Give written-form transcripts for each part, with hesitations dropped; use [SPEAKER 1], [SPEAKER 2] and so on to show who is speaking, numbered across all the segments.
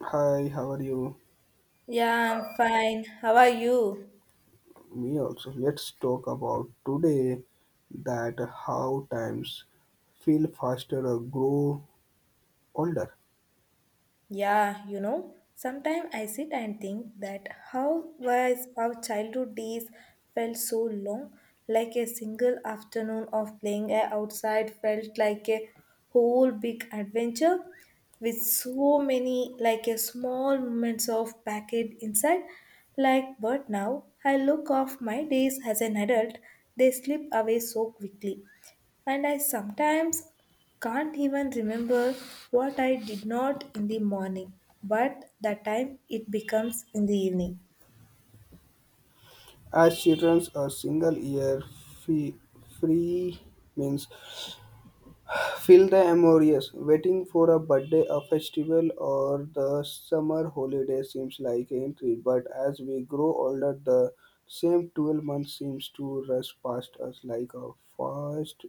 [SPEAKER 1] Hi, how are you?
[SPEAKER 2] Yeah, I'm fine. How are you?
[SPEAKER 1] Me also. Let's talk about today that how times feel faster or grow older.
[SPEAKER 2] Yeah, sometimes I sit and think that how was our childhood days felt so long, like a single afternoon of playing outside felt like a whole big adventure with so many like a small moments of packet inside. Like, but now I look off my days as an adult, they slip away so quickly, and I sometimes can't even remember what I did not in the morning, but the time it becomes in the evening.
[SPEAKER 1] As children, a single year fee free means Fill the amorous. Waiting for a birthday, a festival, or the summer holiday seems like a treat, but as we grow older, the same 12 months seems to rush past us like a fast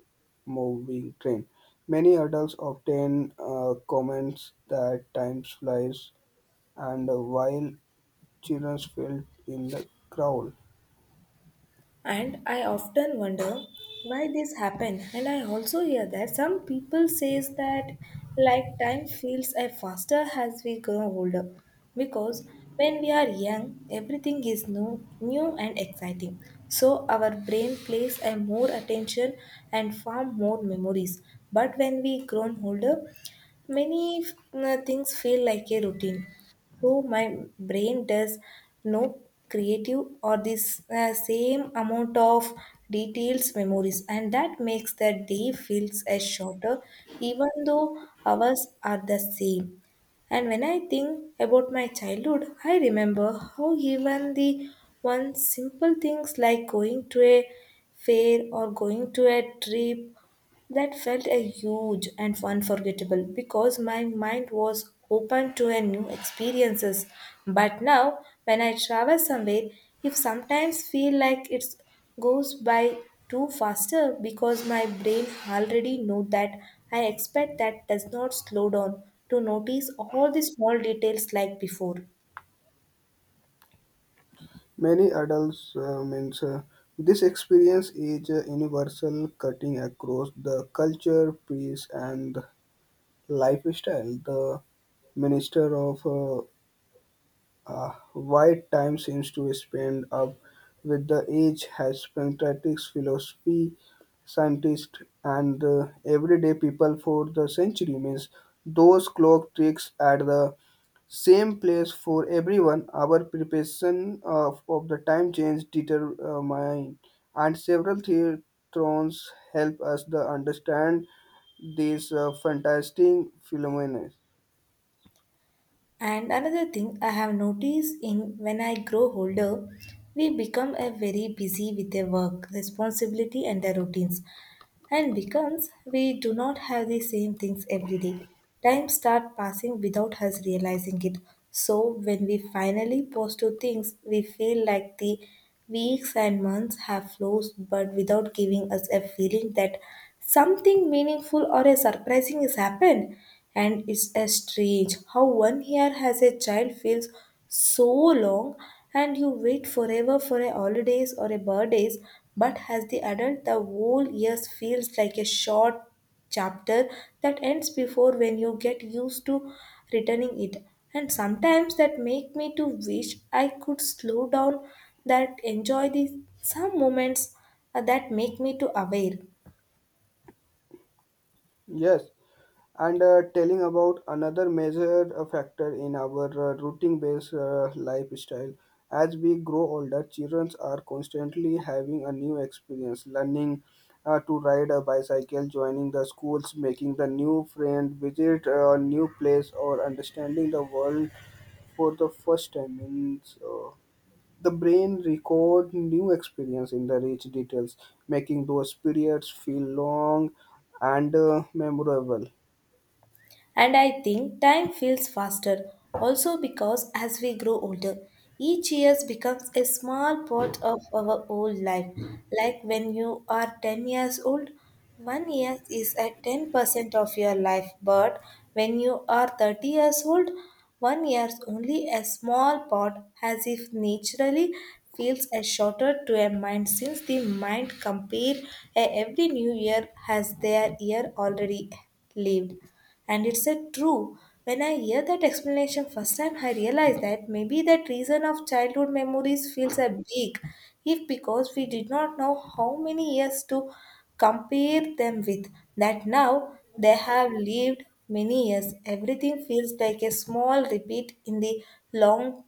[SPEAKER 1] moving train. Many adults often comments that time flies, and while children feel in the crowd.
[SPEAKER 2] And I often wonder why this happened, and I also hear that some people says that like time feels faster as we grow older, because when we are young everything is new and exciting, so our brain plays a more attention and form more memories, but when we grown older many things feel like a routine, so my brain does no creative or this same amount of details memories, and that makes the day feels as shorter even though hours are the same. And when I think about my childhood, I remember how even the one simple things like going to a fair or going to a trip that felt a huge and unforgettable because my mind was open to a new experiences. But now when I travel somewhere, if sometimes feel like it goes by too faster because my brain already know that I expect that does not slow down to notice all the small details like before.
[SPEAKER 1] Many adults means this experience is universal, cutting across the culture, peace, and lifestyle. The minister of white time seems to spend up with the age has pancreatics, philosophy, scientists, and everyday people for the century means those clock tricks at the same place for everyone. Our preparation of the time change determine, and several theatrons help us to understand these fantastic phenomena.
[SPEAKER 2] And another thing I have noticed in when I grow older, we become a very busy with their work, responsibility and their routines. And becomes we do not have the same things every day. Time start passing without us realizing it. So when we finally pause to things, we feel like the weeks and months have flown, but without giving us a feeling that something meaningful or a surprising has happened. And it's a strange how one year as a child feels so long, and you wait forever for a holidays or a birthdays, but as the adult the whole year feels like a short chapter that ends before when you get used to returning it. And sometimes that make me to wish I could slow down, that enjoy the some moments, that make me to aware.
[SPEAKER 1] Yes, and telling about another major factor in our routine based lifestyle as we grow older, children are constantly having a new experience, learning to ride a bicycle, joining the schools, making the new friend, visit a new place or understanding the world for the first time means the brain record new experience in the rich details, making those periods feel long and memorable.
[SPEAKER 2] And I think time feels faster also because as we grow older, each year becomes a small part of our whole life. Like when you are 10 years old, one year is at 10% of your life, but when you are 30 years old, one year is only a small part, as if naturally feels as shorter to a mind since the mind compare a every new year has their year already lived. And it said true. When I hear that explanation first time, I realize that maybe that reason of childhood memories feels a big, if because we did not know how many years to compare them with. That now they have lived many years. Everything feels like a small repeat in the long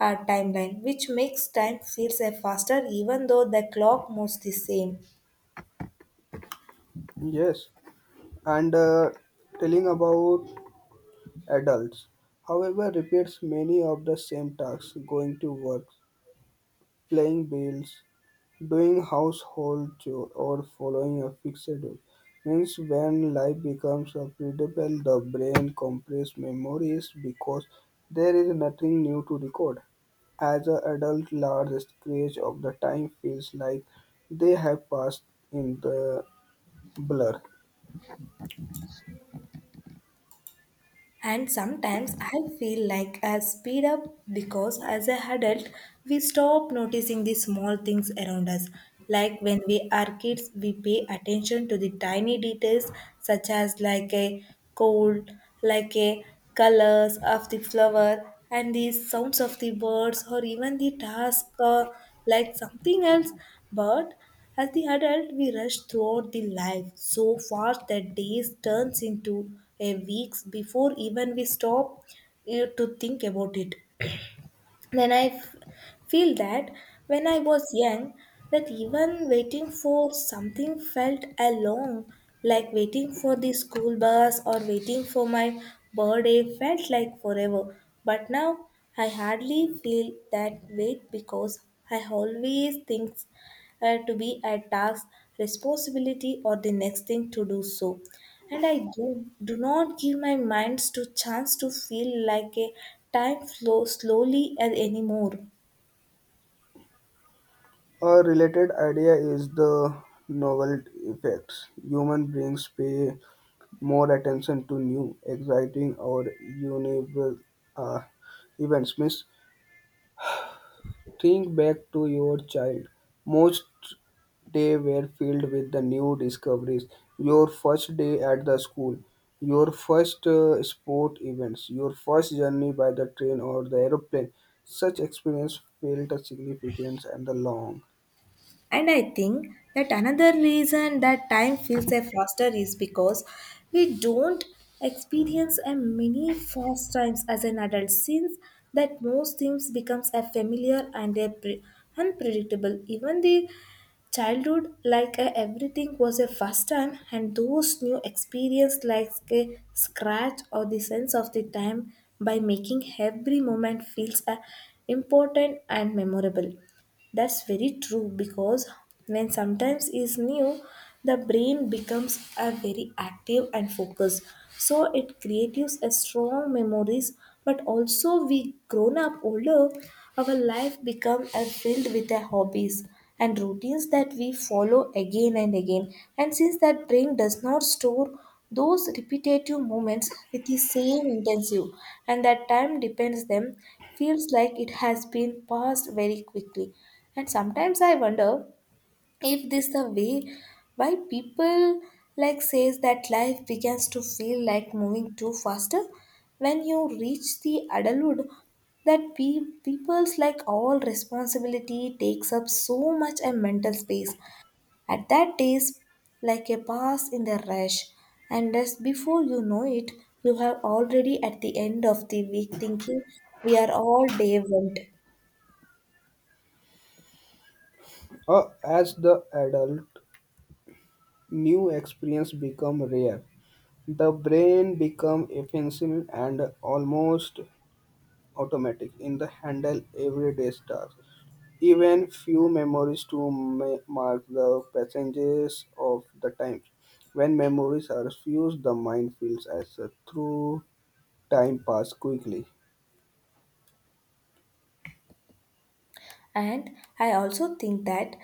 [SPEAKER 2] timeline, which makes time feels a faster, even though the clock moves the same.
[SPEAKER 1] Yes, and telling about adults. However, repeats many of the same tasks: going to work, playing bills, doing household chores, or following a fixed schedule. Means when life becomes predictable, the brain compresses memories because there is nothing new to record. As an adult, large stretch of the time feels like they have passed in the blur.
[SPEAKER 2] And sometimes I feel like I speed up because as a adult we stop noticing the small things around us. Like when we are kids we pay attention to the tiny details such as like a cold, like a colors of the flower and the sounds of the birds or even the task or like something else. But as the adult, we rush throughout the life so fast that days turns into a weeks before even we stop to think about it. Then feel that when I was young, that even waiting for something felt a long, like waiting for the school bus or waiting for my birthday felt like forever. But now I hardly feel that wait because I always think to be a task, responsibility, or the next thing to do so. And I do not give my minds to chance to feel like a time flow slowly and anymore.
[SPEAKER 1] A related idea is the novelty effects. Human brains pay more attention to new, exciting, or universal uh, events. Miss, think back to your child. Most days were filled with the new discoveries. Your first day at the school, your first sport events, your first journey by the train or the aeroplane. Such experience felt significant and long.
[SPEAKER 2] And I think that another reason that time feels a faster is because we don't experience a many fast times as an adult, since that most things becomes a familiar and a unpredictable. Even the childhood like everything was a first time, and those new experience like a scratch or the sense of the time by making every moment feels important and memorable. That's very true because when sometimes is new, the brain becomes a very active and focused. So it creates a strong memories, but also we grown up older, our life become a filled with a hobbies and routines that we follow again and again. And since that brain does not store those repetitive moments with the same intensity, and that time depends them, feels like it has been passed very quickly. And sometimes I wonder if this the way why people like says that life begins to feel like moving too faster when you reach the adulthood, that people's like all responsibility takes up so much a mental space at that days like a pass in the rush, and just before you know it you have already at the end of the week thinking we are all day went.
[SPEAKER 1] As the adult, new experiences become rare. The brain becomes efficient and almost automatic in the handle everyday tasks. Even few memories to mark the passages of the time. When memories are fused, the mind feels as a through time pass quickly.
[SPEAKER 2] And I also think that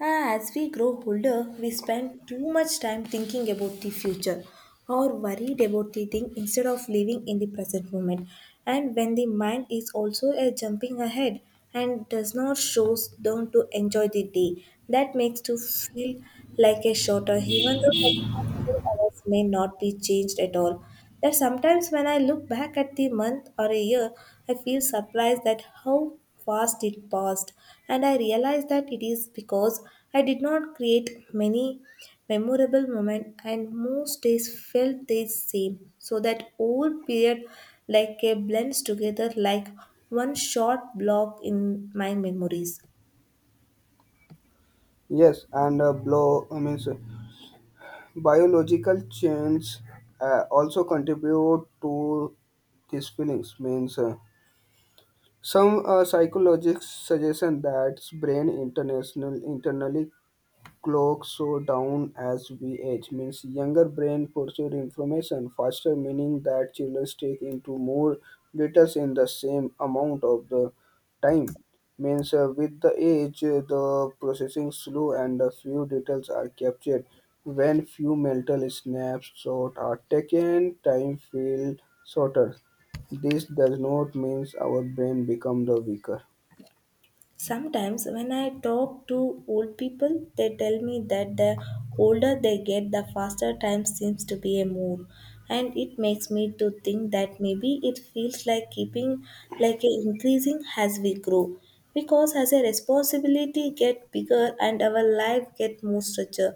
[SPEAKER 2] as we grow older, we spend too much time thinking about the future or worried about the thing instead of living in the present moment. And when the mind is also jumping ahead and does not slow down to enjoy the day, that makes to feel like a shorter, even though hours may not be changed at all. That sometimes when I look back at the month or a year, I feel surprised at how fast it passed, and I realize that it is because I did not create many memorable moments, and most days felt the same. So that old period, like a blends together like one short block in my memories.
[SPEAKER 1] Yes, and so biological change also contribute to these feelings. Means. Some psychologists suggest that brain international internally clocks slow down as we age, means younger brain process information faster, meaning that children take into more details in the same amount of the time. Means with the age, the processing slow and a few details are captured. When few mental snaps short are taken, time feels shorter. This does not mean our brain becomes the weaker.
[SPEAKER 2] Sometimes, when I talk to old people, they tell me that the older they get, the faster time seems to be a mood, and it makes me to think that maybe it feels like keeping like a increasing as we grow, because as a responsibility get bigger and our life get more structured,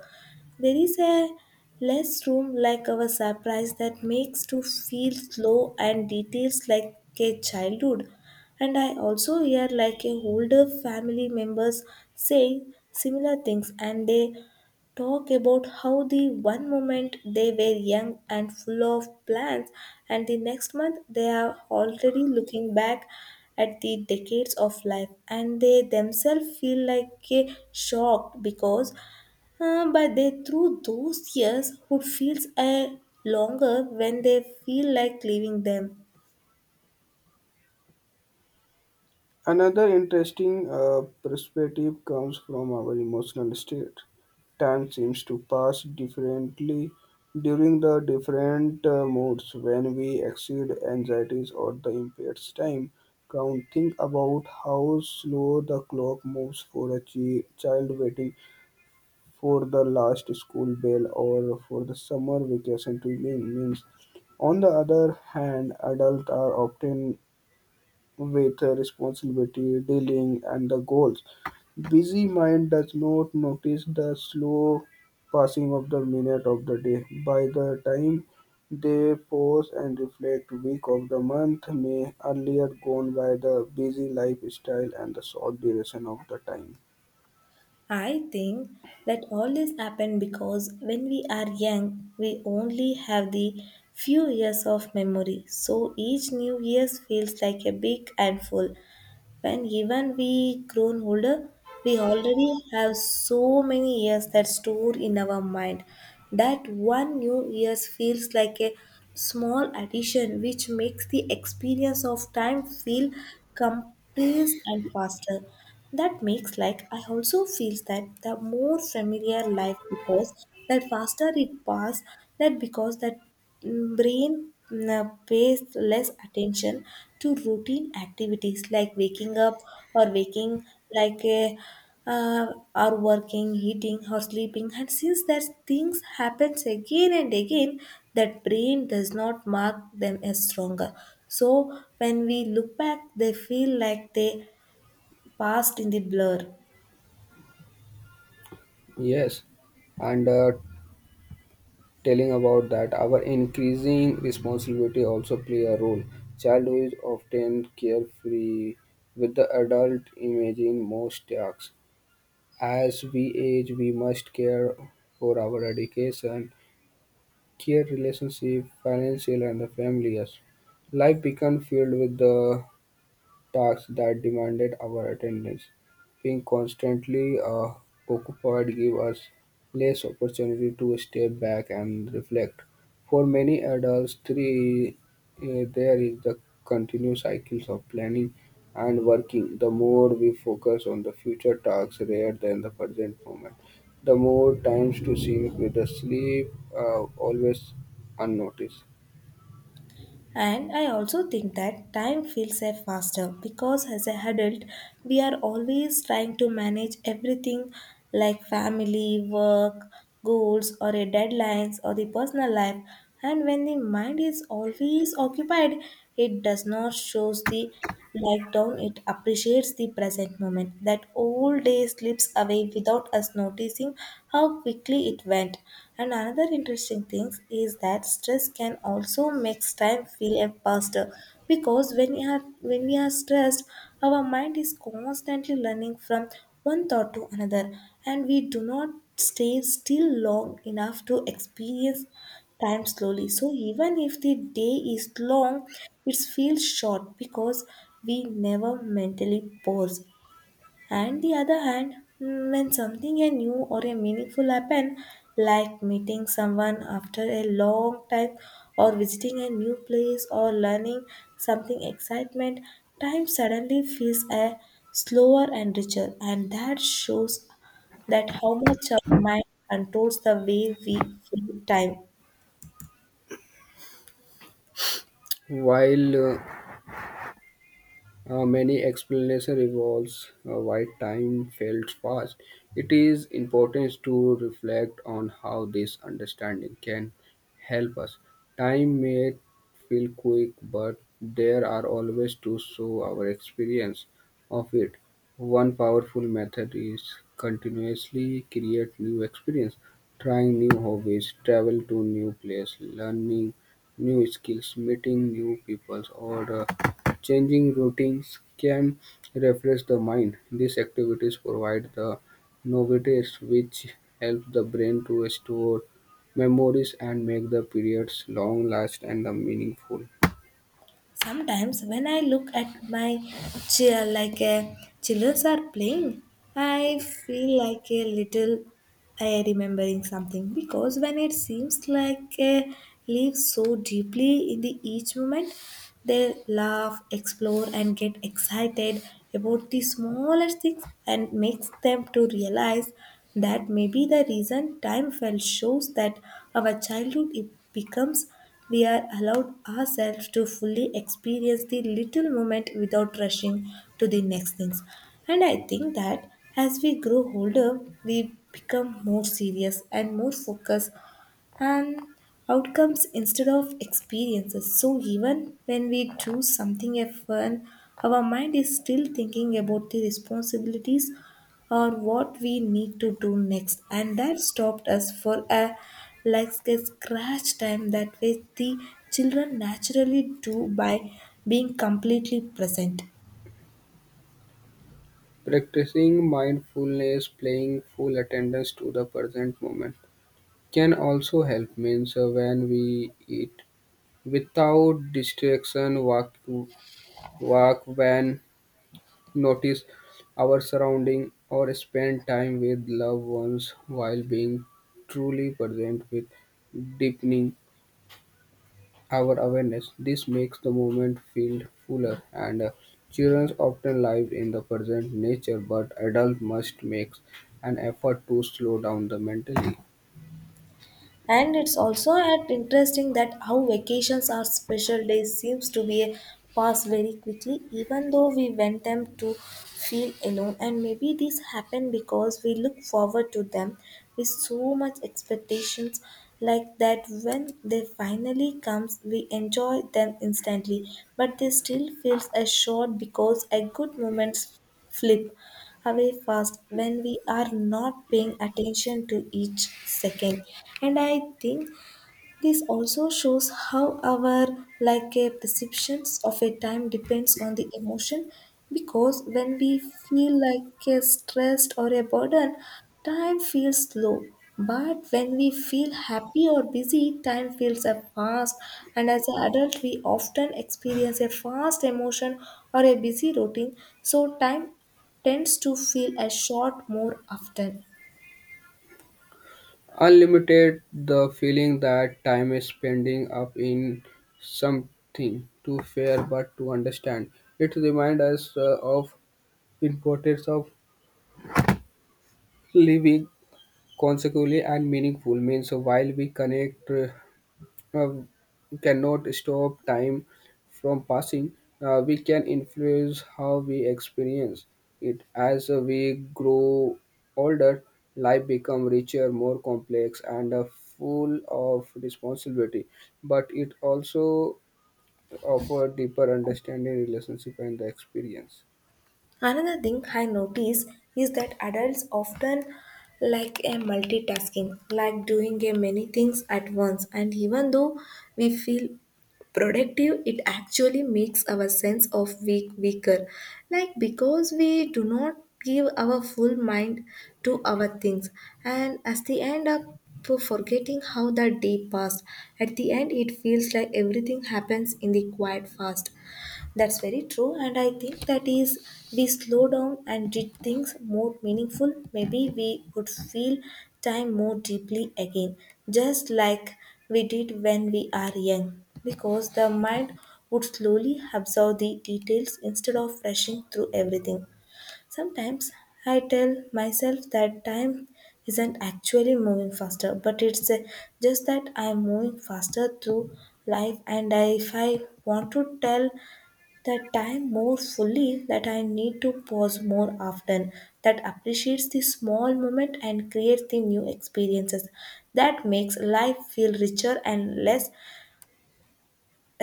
[SPEAKER 2] there is a less room like our surprise that makes to feel slow and details like a childhood. And I also hear like a older family members saying similar things, and they talk about how the one moment they were young and full of plans and the next month they are already looking back at the decades of life, and they themselves feel like a shocked because but they through those years would feels a longer when they feel like leaving them.
[SPEAKER 1] Another interesting perspective comes from our emotional state. Time seems to pass differently during the different moods. When we exceed anxieties or the impaired time count, think about how slow the clock moves for a child waiting for the last school bell or for the summer vacation to begin. Means on the other hand, adults are often with the responsibility, dealing, and the goals. Busy mind does not notice the slow passing of the minute of the day. By the time they pause and reflect, week of the month may earlier gone by the busy lifestyle and the short duration of the time.
[SPEAKER 2] I think that all this happened because when we are young, we only have the few years of memory. So each new year feels like a big handful. When even we grown older we already have so many years that store in our mind that one new years feels like a small addition, which makes the experience of time feel compressed and faster. That makes like I also feels that the more familiar life because that faster it pass, that because that brain mm, pays less attention to routine activities like waking up or waking like a uh, or working eating or sleeping. And since that things happens again and again that brain does not mark them as stronger, so when we look back they feel like they passed in the blur.
[SPEAKER 1] Yes, and telling about that our increasing responsibility also play a role. Childhood is often carefree with the adult imaging most tasks. As we age, we must care for our education, care relationship, financial and the family. Yes. Life becomes filled with the tasks that demanded our attendance. Being constantly occupied gave us less opportunity to step back and reflect. For many adults, there is the continuous cycles of planning and working. The more we focus on the future tasks rather than the present moment, the more times to sync with the sleep always unnoticed.
[SPEAKER 2] And I also think that time feels a faster because as an adult, we are always trying to manage everything like family, work, goals, or a deadlines, or the personal life. And when the mind is always occupied, it does not shows the like down, it appreciates the present moment. That old day slips away without us noticing how quickly it went. And another interesting thing is that stress can also make time feel a faster because when we are stressed, our mind is constantly learning from one thought to another, and we do not stay still long enough to experience time slowly. So even if the day is long, it feels short because we never mentally pause. And the other hand, when something a new or a meaningful happen, like meeting someone after a long time or visiting a new place or learning something excitement, time suddenly feels a slower and richer, and that shows that how much our mind controls the way we feel time.
[SPEAKER 1] While many explanation revolves why time felt fast. It is important to reflect on how this understanding can help us. Time may feel quick, but there are always to show our experience of it. One powerful method is continuously create new experience, trying new hobbies, travel to new place, learning new skills, meeting new people, or changing routines can refresh the mind. These activities provide the novelties which help the brain to store memories and make the periods long last and the meaningful.
[SPEAKER 2] Sometimes when I look at my chair like a childrens are playing, I feel like a little I remembering something, because when it seems like a live so deeply in the each moment, they laugh, explore and get excited about the smallest things and makes them to realize that maybe the reason time felt shows that our childhood it becomes we are allowed ourselves to fully experience the little moment without rushing to the next things. And I think that as we grow older we become more serious and more focused and outcomes instead of experiences. So even when we do something at fun, our mind is still thinking about the responsibilities or what we need to do next, and that stopped us for a like a scratch time that way the children naturally do by being completely present.
[SPEAKER 1] Practicing mindfulness, paying full attendance to the present moment can also help means when we eat without distraction, walk when notice our surrounding or spend time with loved ones while being truly present with deepening our awareness, this makes the moment feel fuller and children often live in the present nature, but adults must make an effort to slow down the mentally
[SPEAKER 2] And it's also at interesting that how vacations or special days seems to be a pass very quickly even though we want them to feel alone, and maybe this happen because we look forward to them with so much expectations, like that when they finally comes we enjoy them instantly, but they still feels a short because a good moments flip away fast when we are not paying attention to each second. And I think this also shows how our like a perceptions of a time depends on the emotion, because when we feel like a stressed or a burden, time feels slow. But when we feel happy or busy, time feels a fast. And as an adult, we often experience a fast emotion or a busy routine. So time tends to feel a short more often.
[SPEAKER 1] unlimited the feeling that time is spending up in something to fear but to understand it reminds us of importance of living consequently and meaningful means. So while we connect uh, cannot stop time from passing, we can influence how we experience it. As we grow older, life become richer, more complex and full of responsibility, but it also offer deeper understanding, relationship and the experience.
[SPEAKER 2] Another thing I notice is that adults often like a multitasking, like doing a many things at once, and even though we feel productive, it actually makes our sense of weaker, like because we do not give our full mind to our things, and as the end up for forgetting how the day passed. At the end, it feels like everything happens in the quiet fast. That's very true, and I think that is we slow down and did things more meaningful, maybe we would feel time more deeply again, just like we did when we are young, because the mind would slowly absorb the details instead of rushing through everything. Sometimes I tell myself that time isn't actually moving faster, but it's just that I'm moving faster through life. And if I want to tell that time more fully, that I need to pause more often, that appreciates the small moment and creates the new experiences. That makes life feel richer and less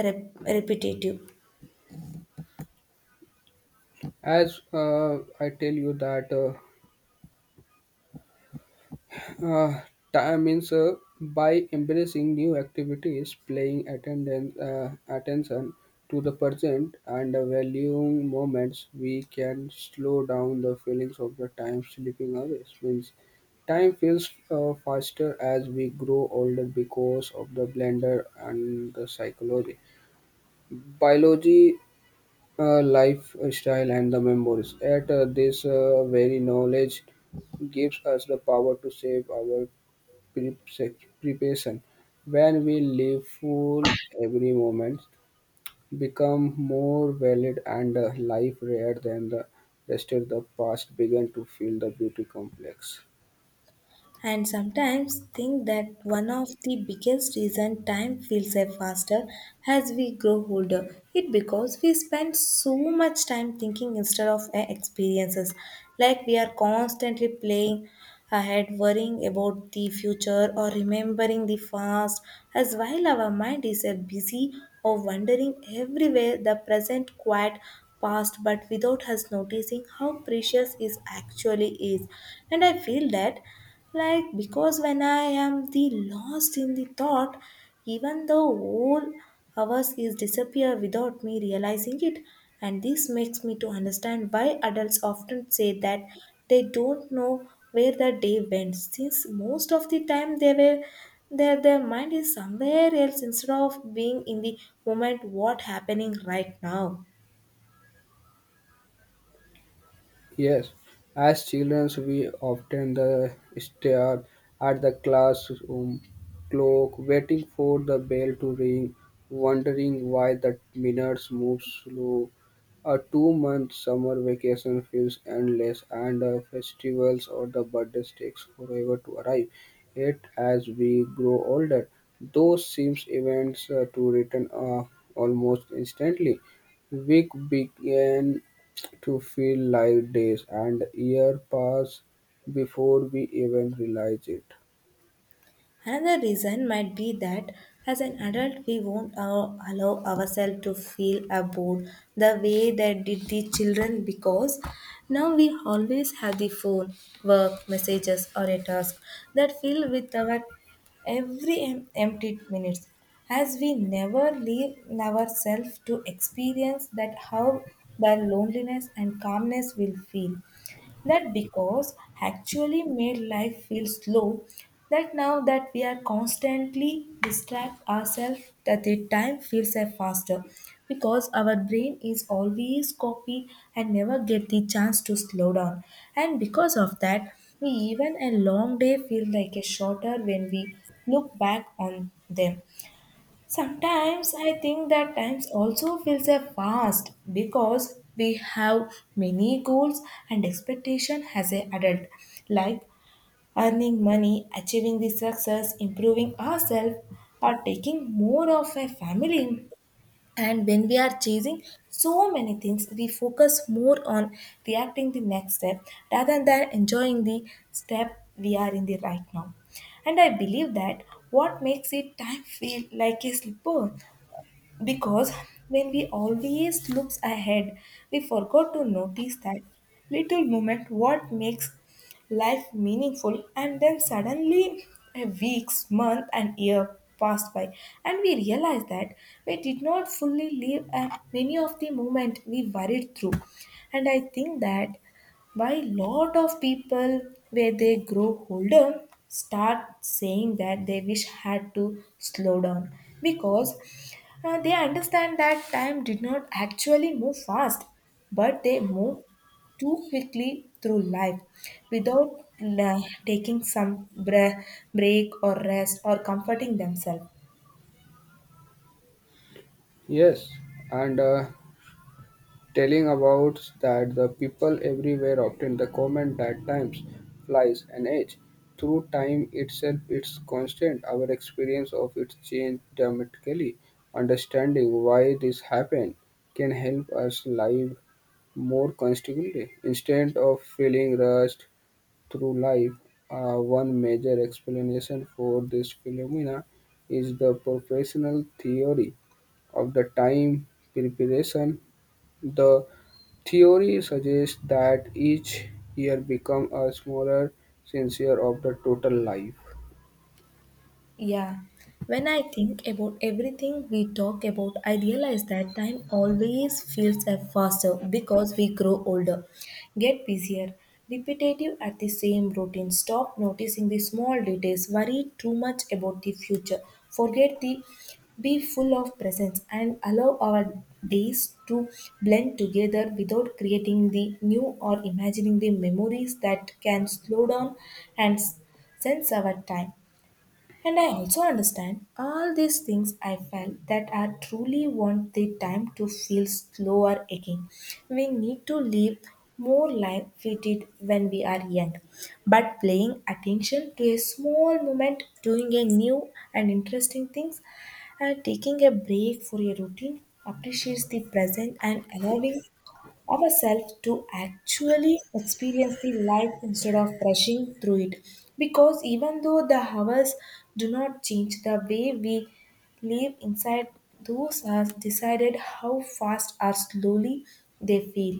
[SPEAKER 2] repetitive.
[SPEAKER 1] As I tell you that Uh, time means by embracing new activities, playing attendance, attention to the present, and valuing moments, we can slow down the feelings of the time slipping away. Means time feels faster as we grow older because of the blender and the psychology biology lifestyle and the memories at this very knowledge gives us the power to save our preparation. When we live full, every moment become more valid and the life, rather than the rest of the past, begin to feel the beauty complex.
[SPEAKER 2] And sometimes think that one of the biggest reason time feels faster as we grow older. It because we spend so much time thinking instead of experiences. Like we are constantly playing ahead, worrying about the future or remembering the past. As while our mind is busy or wandering everywhere, the present quiet past but without us noticing how precious it actually is. And I feel that like, because when I am the lost in the thought, even the whole hours is disappear without me realizing it. And this makes me to understand why adults often say that they don't know where the day went, since most of the time they were their mind is somewhere else instead of being in the moment what happening right now.
[SPEAKER 1] Yes, as children, we often the stare at the classroom clock, waiting for the bell to ring, wondering why the minutes move slow. A two-month summer vacation feels endless, and festivals or the birthdays takes forever to arrive. Yet, as we grow older, those seems events to return almost instantly. We began to feel like days and years pass before we even realize it.
[SPEAKER 2] Another reason might be that as an adult, we won't allow ourselves to feel bored the way that did the children, because now we always have the phone, work, messages, or a task that fill with our every empty minutes, as we never leave ourselves to experience that how the loneliness and calmness will feel. That because actually made life feel slow, that now that we are constantly distract ourselves, that the time feels a faster, because our brain is always copy and never get the chance to slow down, and because of that we even a long day feel like a shorter when we look back on them. Sometimes I think that times also feels a fast because we have many goals and expectation as a adult, like earning money, achieving the success, improving ourselves, or taking more of a family. And when we are chasing so many things, we focus more on reacting the next step rather than enjoying the step we are in the right now. And I believe that what makes it time feel like a slipper, because when we always looks ahead we forgot to notice that little moment what makes life meaningful, and then suddenly a weeks month and year passed by, and we realized that we did not fully live many of the moment we worried through. And I think that by lot of people where they grow older start saying that they wish had to slow down, because they understand that time did not actually move fast, but they move too quickly through life without uh, taking some break or rest or comforting themselves.
[SPEAKER 1] Yes, and telling about that the people everywhere often the comment that times flies an age. Through time itself, it's constant. Our experience of it change dramatically. Understanding why this happen can help us live more constantly instead of feeling rushed through life. One major explanation for this phenomena is the professional theory of the time preparation. The theory suggests that each year becomes a smaller sincere of the total life.
[SPEAKER 2] Yeah, when I think about everything we talk about, I realize that time always feels faster because we grow older, get busier, repetitive at the same routine, stop noticing the small details, worry too much about the future, forget the be full of presence, and allow our days to blend together without creating the new or imagining the memories that can slow down and sense our time. And I also understand all these things I felt that I truly want the time to feel slower again. We need to live more like we did when we are young. But paying attention to a small moment, doing a new and interesting things, and taking a break for a routine appreciates the present and allowing ourselves to actually experience the life instead of rushing through it. Because even though the hours do not change, the way we live inside those hours decided how fast or slowly they feel.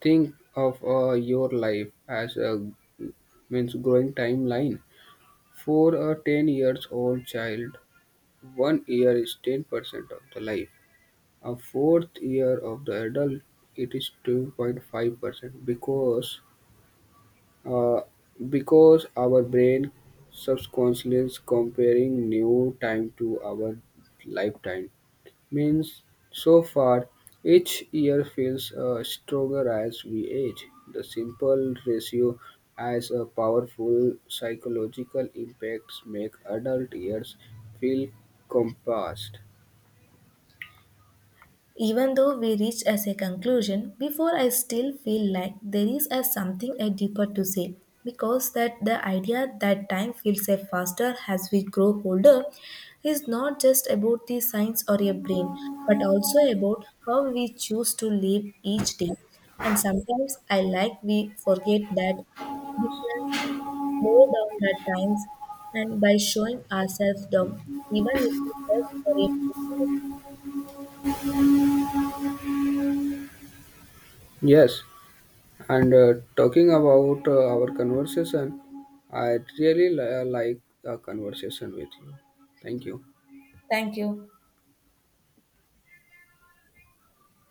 [SPEAKER 1] Think of your life as a means growing timeline. For a 10 years old child, one year is 10% of the life. A fourth year of the adult it is 2.5% uh, because our brain subconsciously is comparing new time to our lifetime means so far each year feels stronger as we age. The simple ratio has a powerful psychological impacts make adult years feel compressed.
[SPEAKER 2] Even though we reached as a conclusion, before I still feel like there is a something a deeper to say, because that the idea that time feels a faster as we grow older is not just about the science or your brain, but also about how we choose to live each day. And sometimes I like we forget that we can slow down at times, and by showing ourselves down even if it's just for a few minutes.
[SPEAKER 1] Yes, and talking about our conversation, I really like the conversation with you. Thank you.
[SPEAKER 2] Thank you.